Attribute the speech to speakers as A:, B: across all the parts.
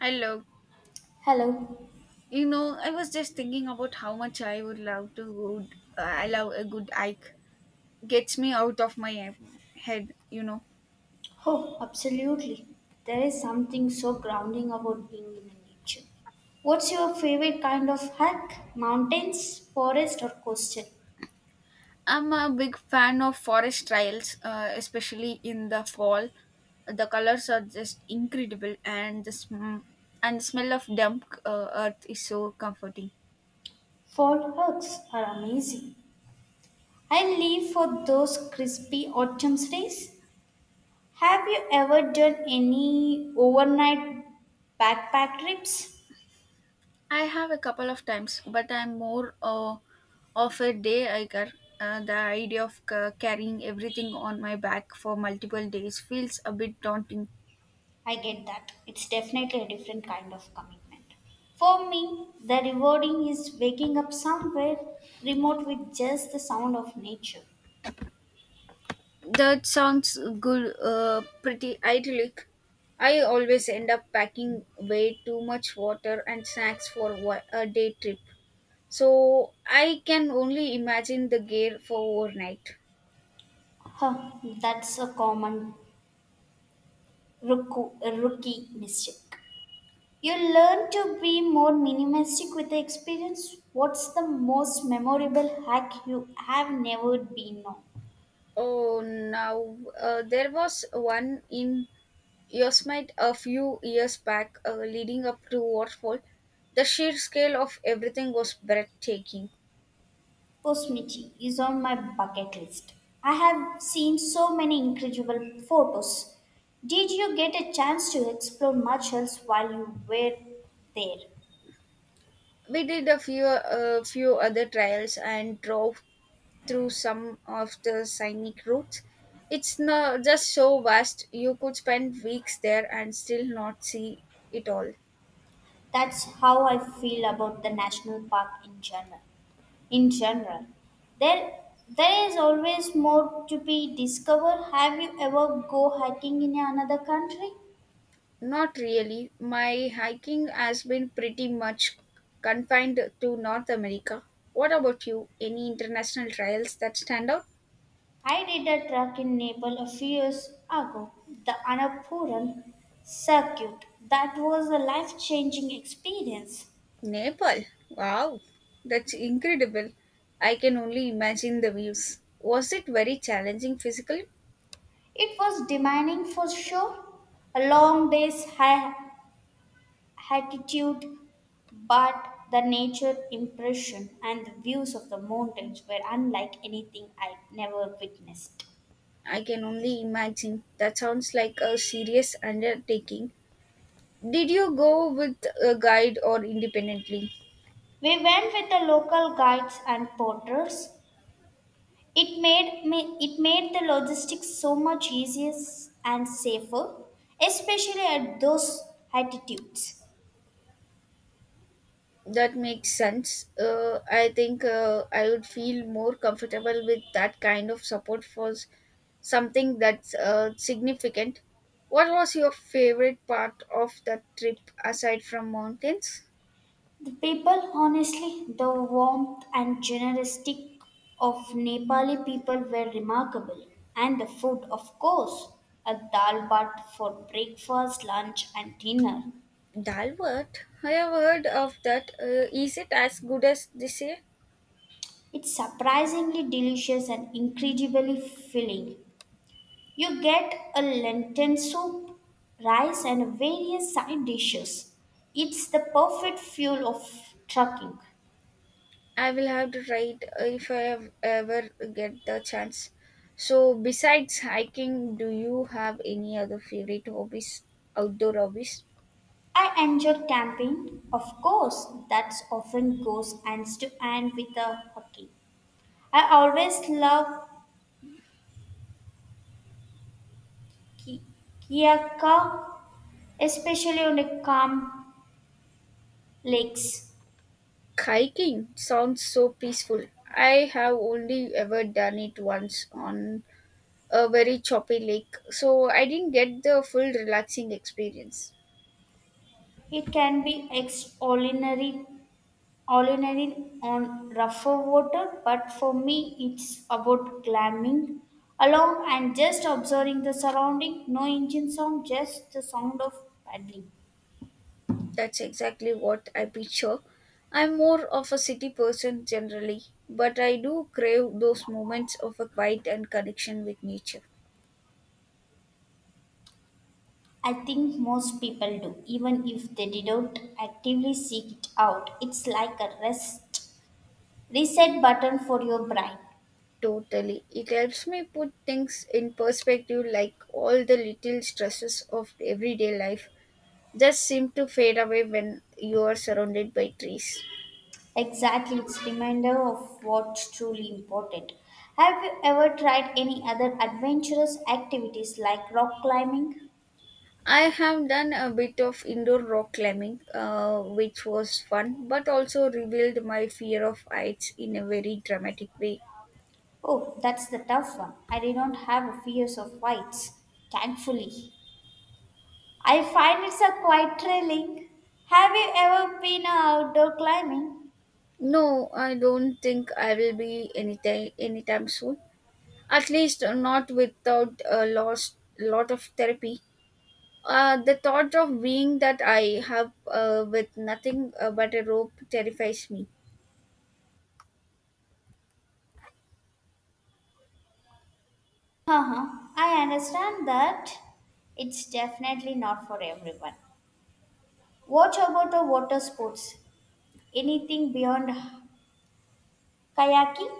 A: Hello.
B: Hello.
A: You know, I was just thinking about how much I would love to good. I love a good hike. Gets me out of my head. You know,
B: Oh, absolutely. There is something so grounding about being in nature. What's your favorite kind of hike? Mountains, forest, or coastal?
A: I'm a big fan of forest trails, especially in the fall. The colors are just incredible, and and the smell of damp earth is so comforting.
B: Fall hikes are amazing. I live for those crispy autumn days. Have you ever done any overnight backpack trips?
A: I have a couple of times, but I'm more of a day hiker. The idea of carrying everything on my back for multiple days feels a bit daunting.
B: I get that. It's definitely a different kind of commitment. For me, the rewarding is waking up somewhere remote with just the sound of nature.
A: That sounds good, pretty idyllic. I always end up packing way too much water and snacks for a day trip. So I can only imagine the gear for overnight.
B: Huh, that's a common rookie, rookie mistake. You learn to be more minimalistic with the experience. What's the most memorable hack you have never been on?
A: Oh, now there was one in Yosemite a few years back, leading up to Waterfall, the sheer scale of everything was breathtaking.
B: Osmichi is on my bucket list. I have seen so many incredible photos. Did you get a chance to explore much else while you were there?
A: We did a few other trials and drove through some of the scenic routes. It's not just so vast; you could spend weeks there and still not see it all.
B: That's how I feel about the national park in general. In general, there there is always more to be discovered. Have you ever go hiking in another country?
A: Not really. My hiking has been pretty much confined to North America. What about you? Any international trials that stand out?
B: I did a track in Nepal a few years ago, the Annapurna circuit. That was a life changing experience.
A: Nepal. Wow, that's incredible. I can only imagine the views. Was it very challenging physically?
B: It was demanding for sure, a long day's high altitude, but the nature impression and the views of the mountains were unlike anything I'd never witnessed.
A: I can only imagine. That sounds like a serious undertaking. Did you go with a guide or independently?
B: We went with the local guides and porters. It made it made the logistics so much easier and safer, especially at those altitudes.
A: That makes sense. I think I would feel more comfortable with that kind of support for something that's significant. What was your favorite part of that trip aside from mountains?
B: The people, honestly, the warmth and generosity of Nepali people were remarkable, and the food, of course, a dal bhat for breakfast, lunch, and dinner.
A: Dalwart? I have heard of that. Is it as good as they say?
B: It's surprisingly delicious and incredibly filling. You get a lentil soup, rice, and various side dishes. It's the perfect fuel of trucking.
A: I will have to try it if I have ever get the chance. So, besides hiking, do you have any other favorite hobbies? Outdoor hobbies?
B: I enjoy camping, of course, that's often goes hand to hand with the hockey. I always love ki- Kiyaka, especially on the calm lakes.
A: Hiking sounds so peaceful. I have only ever done it once on a very choppy lake, so I didn't get the full relaxing experience.
B: It can be extraordinary Olinearin on rougher water, but for me it's about climbing along and just observing the surrounding. No engine sound, just the sound of paddling.
A: That's exactly what I picture. I'm more of a city person generally, but I do crave those moments of a quiet and connection with nature.
B: I think most people do, even if they didn't actively seek it out. It's like a rest reset button for your brain.
A: Totally. It helps me put things in perspective, like all the little stresses of everyday life just seem to fade away when you are surrounded by trees.
B: Exactly, it's reminder of what's truly important. Have you ever tried any other adventurous activities like rock climbing?
A: I have done a bit of indoor rock climbing, which was fun, but also revealed my fear of heights in a very dramatic way.
B: Oh, that's the tough one. I did not have a fears of heights, thankfully. I find it's a quite thrilling. Have you ever been a outdoor climbing?
A: No, I don't think I will be anytime soon. At least not without a lost lot of therapy. The thought of being that I have with nothing but a rope terrifies me.
B: Uh-huh. I understand that it's definitely not for everyone. What about the water sports? Anything beyond kayaking?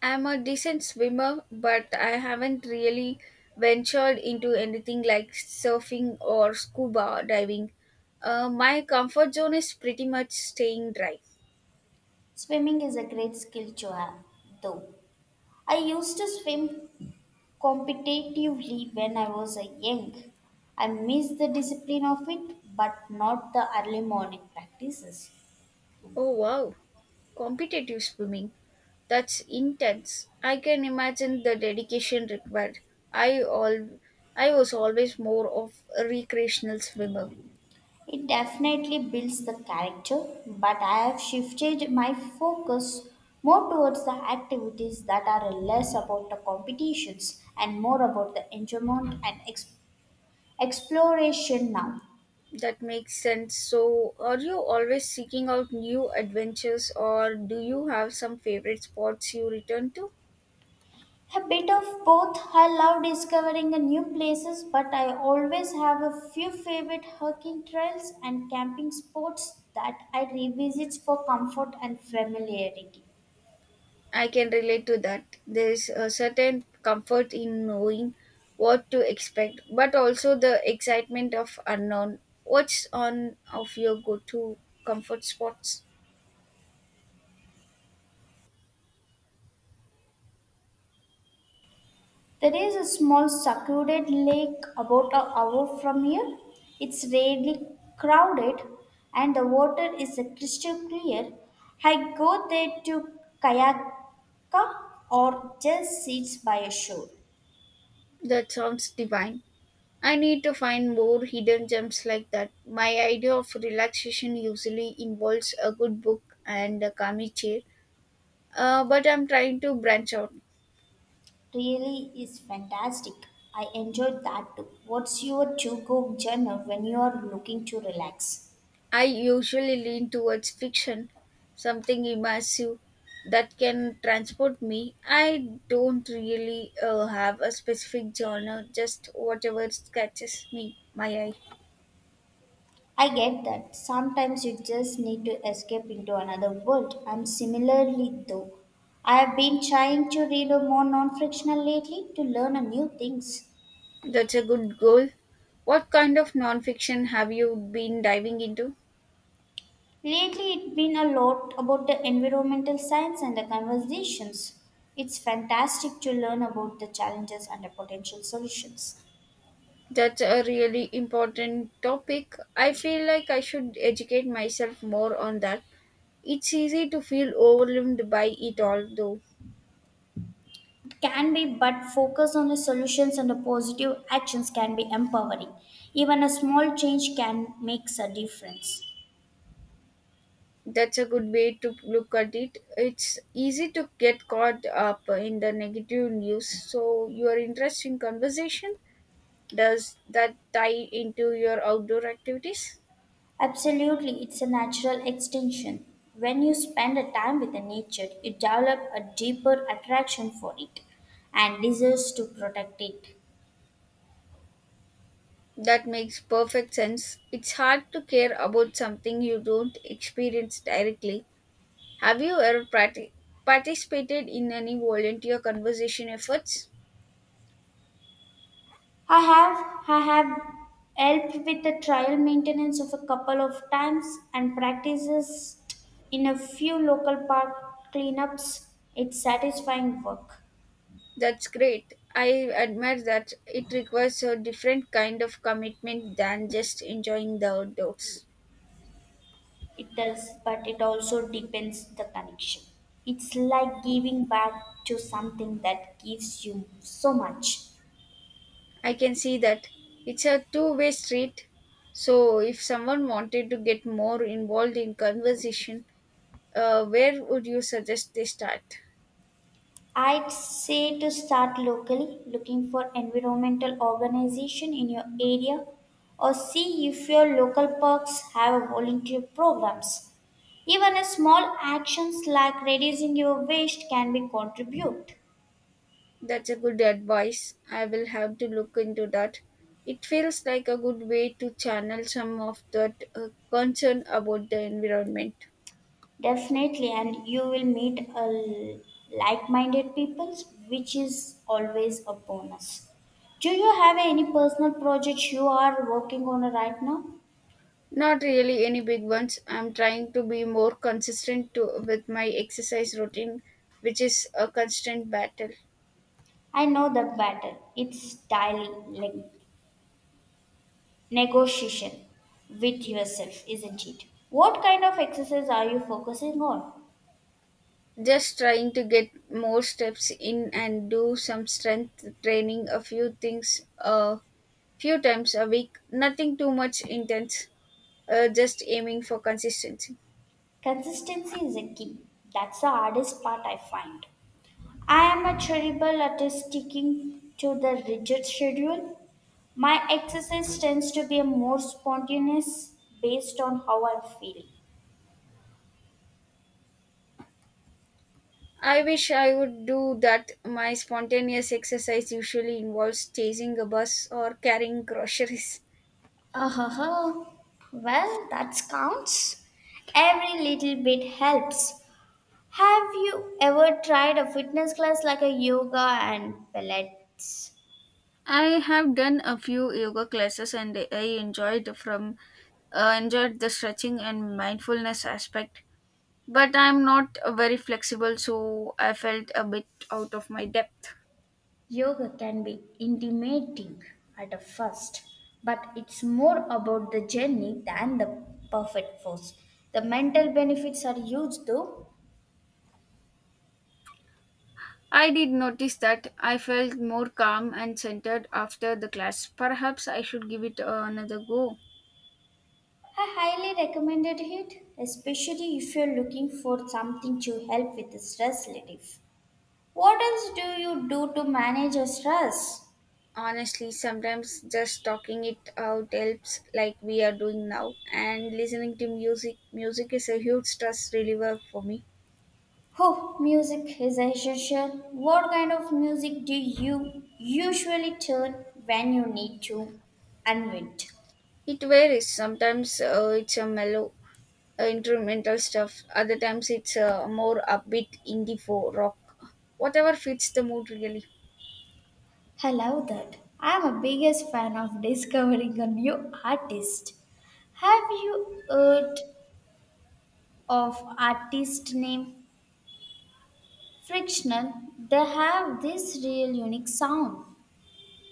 A: I'm a decent swimmer, but I haven't really ventured into anything like surfing or scuba diving. My comfort zone is pretty much staying dry.
B: Swimming is a great skill to have, though. I used to swim competitively when I was a young. I missed the discipline of it, but not the early morning practices.
A: Oh wow. Competitive swimming. That's intense. I can imagine the dedication required. I all I was always more of a recreational swimmer.
B: It definitely builds the character, but I have shifted my focus more towards the activities that are less about the competitions and more about the enjoyment and exploration now.
A: That makes sense. So, are you always seeking out new adventures or do you have some favorite spots you return to?
B: A bit of both. I love discovering a new places, but I always have a few favorite hiking trails and camping spots that I revisit for comfort and familiarity.
A: I can relate to that. There is a certain comfort in knowing what to expect, but also the excitement of unknown. What's on of your go to comfort spots?
B: There is a small secluded lake about an hour from here. It's rarely crowded and the water is crystal clear. I go there to kayak or just sit by a shore.
A: That sounds divine. I need to find more hidden gems like that. My idea of relaxation usually involves a good book and a calming chair, but I'm trying to branch out.
B: Really is fantastic. I enjoyed that too. What's your to go journal when you are looking to relax?
A: I usually lean towards fiction, something immersive that can transport me. I don't really have a specific genre, just whatever catches me my eye.
B: I get that. Sometimes you just need to escape into another world. I'm similarly though. I have been trying to read a more non-fictional lately to learn a new things.
A: That's a good goal. What kind of nonfiction have you been diving into?
B: Lately it's been a lot about the environmental science and the conversations. It's fantastic to learn about the challenges and the potential solutions.
A: That's a really important topic. I feel like I should educate myself more on that. It's easy to feel overwhelmed by it all, though.
B: Can be but focus on the solutions and the positive actions can be empowering, even a small change can makes a difference.
A: That's a good way to look at it. It's easy to get caught up in the negative news. So your interest in conversation, does that tie into your outdoor activities?
B: Absolutely, it's a natural extension. When you spend a time with the nature you develop a deeper attraction for it and desires to protect it.
A: That makes perfect sense. It's hard to care about something you don't experience directly. Have you ever participated in any volunteer conversation efforts?
B: I have i have helped with the trial maintenance of a couple of times and practices in a few local park cleanups. It's satisfying work.
A: That's great. I admire that it requires a different kind of commitment than just enjoying the outdoors.
B: It does, but it also depends the connection. It's like giving back to something that gives you so much.
A: I can see that it's a two-way street. So, if someone wanted to get more involved in conversation, where would you suggest they start?
B: I'd say to start locally, looking for environmental organization in your area, or see if your local parks have a volunteer programs. Even a small actions like reducing your waste can be contribute.
A: That's a good advice. I will have to look into that. It feels like a good way to channel some of that concern about the environment.
B: Definitely, and you will meet like-minded people, which is always a bonus. Do you have any personal projects you are working on right now?
A: Not really any big ones. I'm trying to be more consistent to, with my exercise routine, which is a constant battle.
B: I know that battle. It's daily like, negotiation with yourself, isn't it? What kind of exercise are you focusing on?
A: Just trying to get more steps in and do some strength training a few things a few times a week. Nothing too much intense, just aiming for consistency.
B: Consistency is a key. That's the hardest part I find. I am a terrible at sticking to the rigid schedule. My exercise tends to be more spontaneous based on how I'm feeling.
A: I wish I would do that. My spontaneous exercise usually involves chasing a bus or carrying groceries.
B: Oh, well, that counts. Every little bit helps. Have you ever tried a fitness class like a yoga and pilates?
A: I have done a few yoga classes and I enjoyed the stretching and mindfulness aspect, but I'm not very flexible, so I felt a bit out of my depth.
B: Yoga can be intimidating at a first, but it's more about the journey than the perfect force. The mental benefits are huge though.
A: I did notice that I felt more calm and centered after the class. Perhaps I should give it another go.
B: I highly recommended it, especially if you're looking for something to help with stress relief. What else do you do to manage your stress?
A: Honestly, sometimes just talking it out helps, like we are doing now, and listening to music. Music is a huge stress reliever for me.
B: Oh, music is essential. What kind of music do you usually turn when you need to unwind?
A: It varies. Sometimes it's a mellow, instrumental stuff. Other times it's a more upbeat indie folk rock. Whatever fits the mood, really.
B: I love that. I'm a biggest fan of discovering a new artist. Have you heard of artist name Frictional, they have this real unique sound.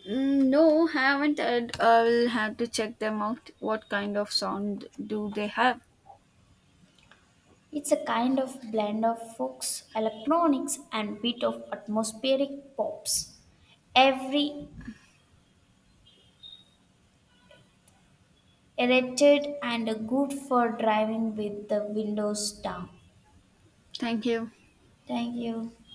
A: Mm, no, haven't heard. I'll have to check them out. What kind of sound do they have?
B: It's a kind of blend of folks, electronics, and bit of atmospheric pops. Every erected and good for driving with the windows down.
A: Thank you.
B: Thank you.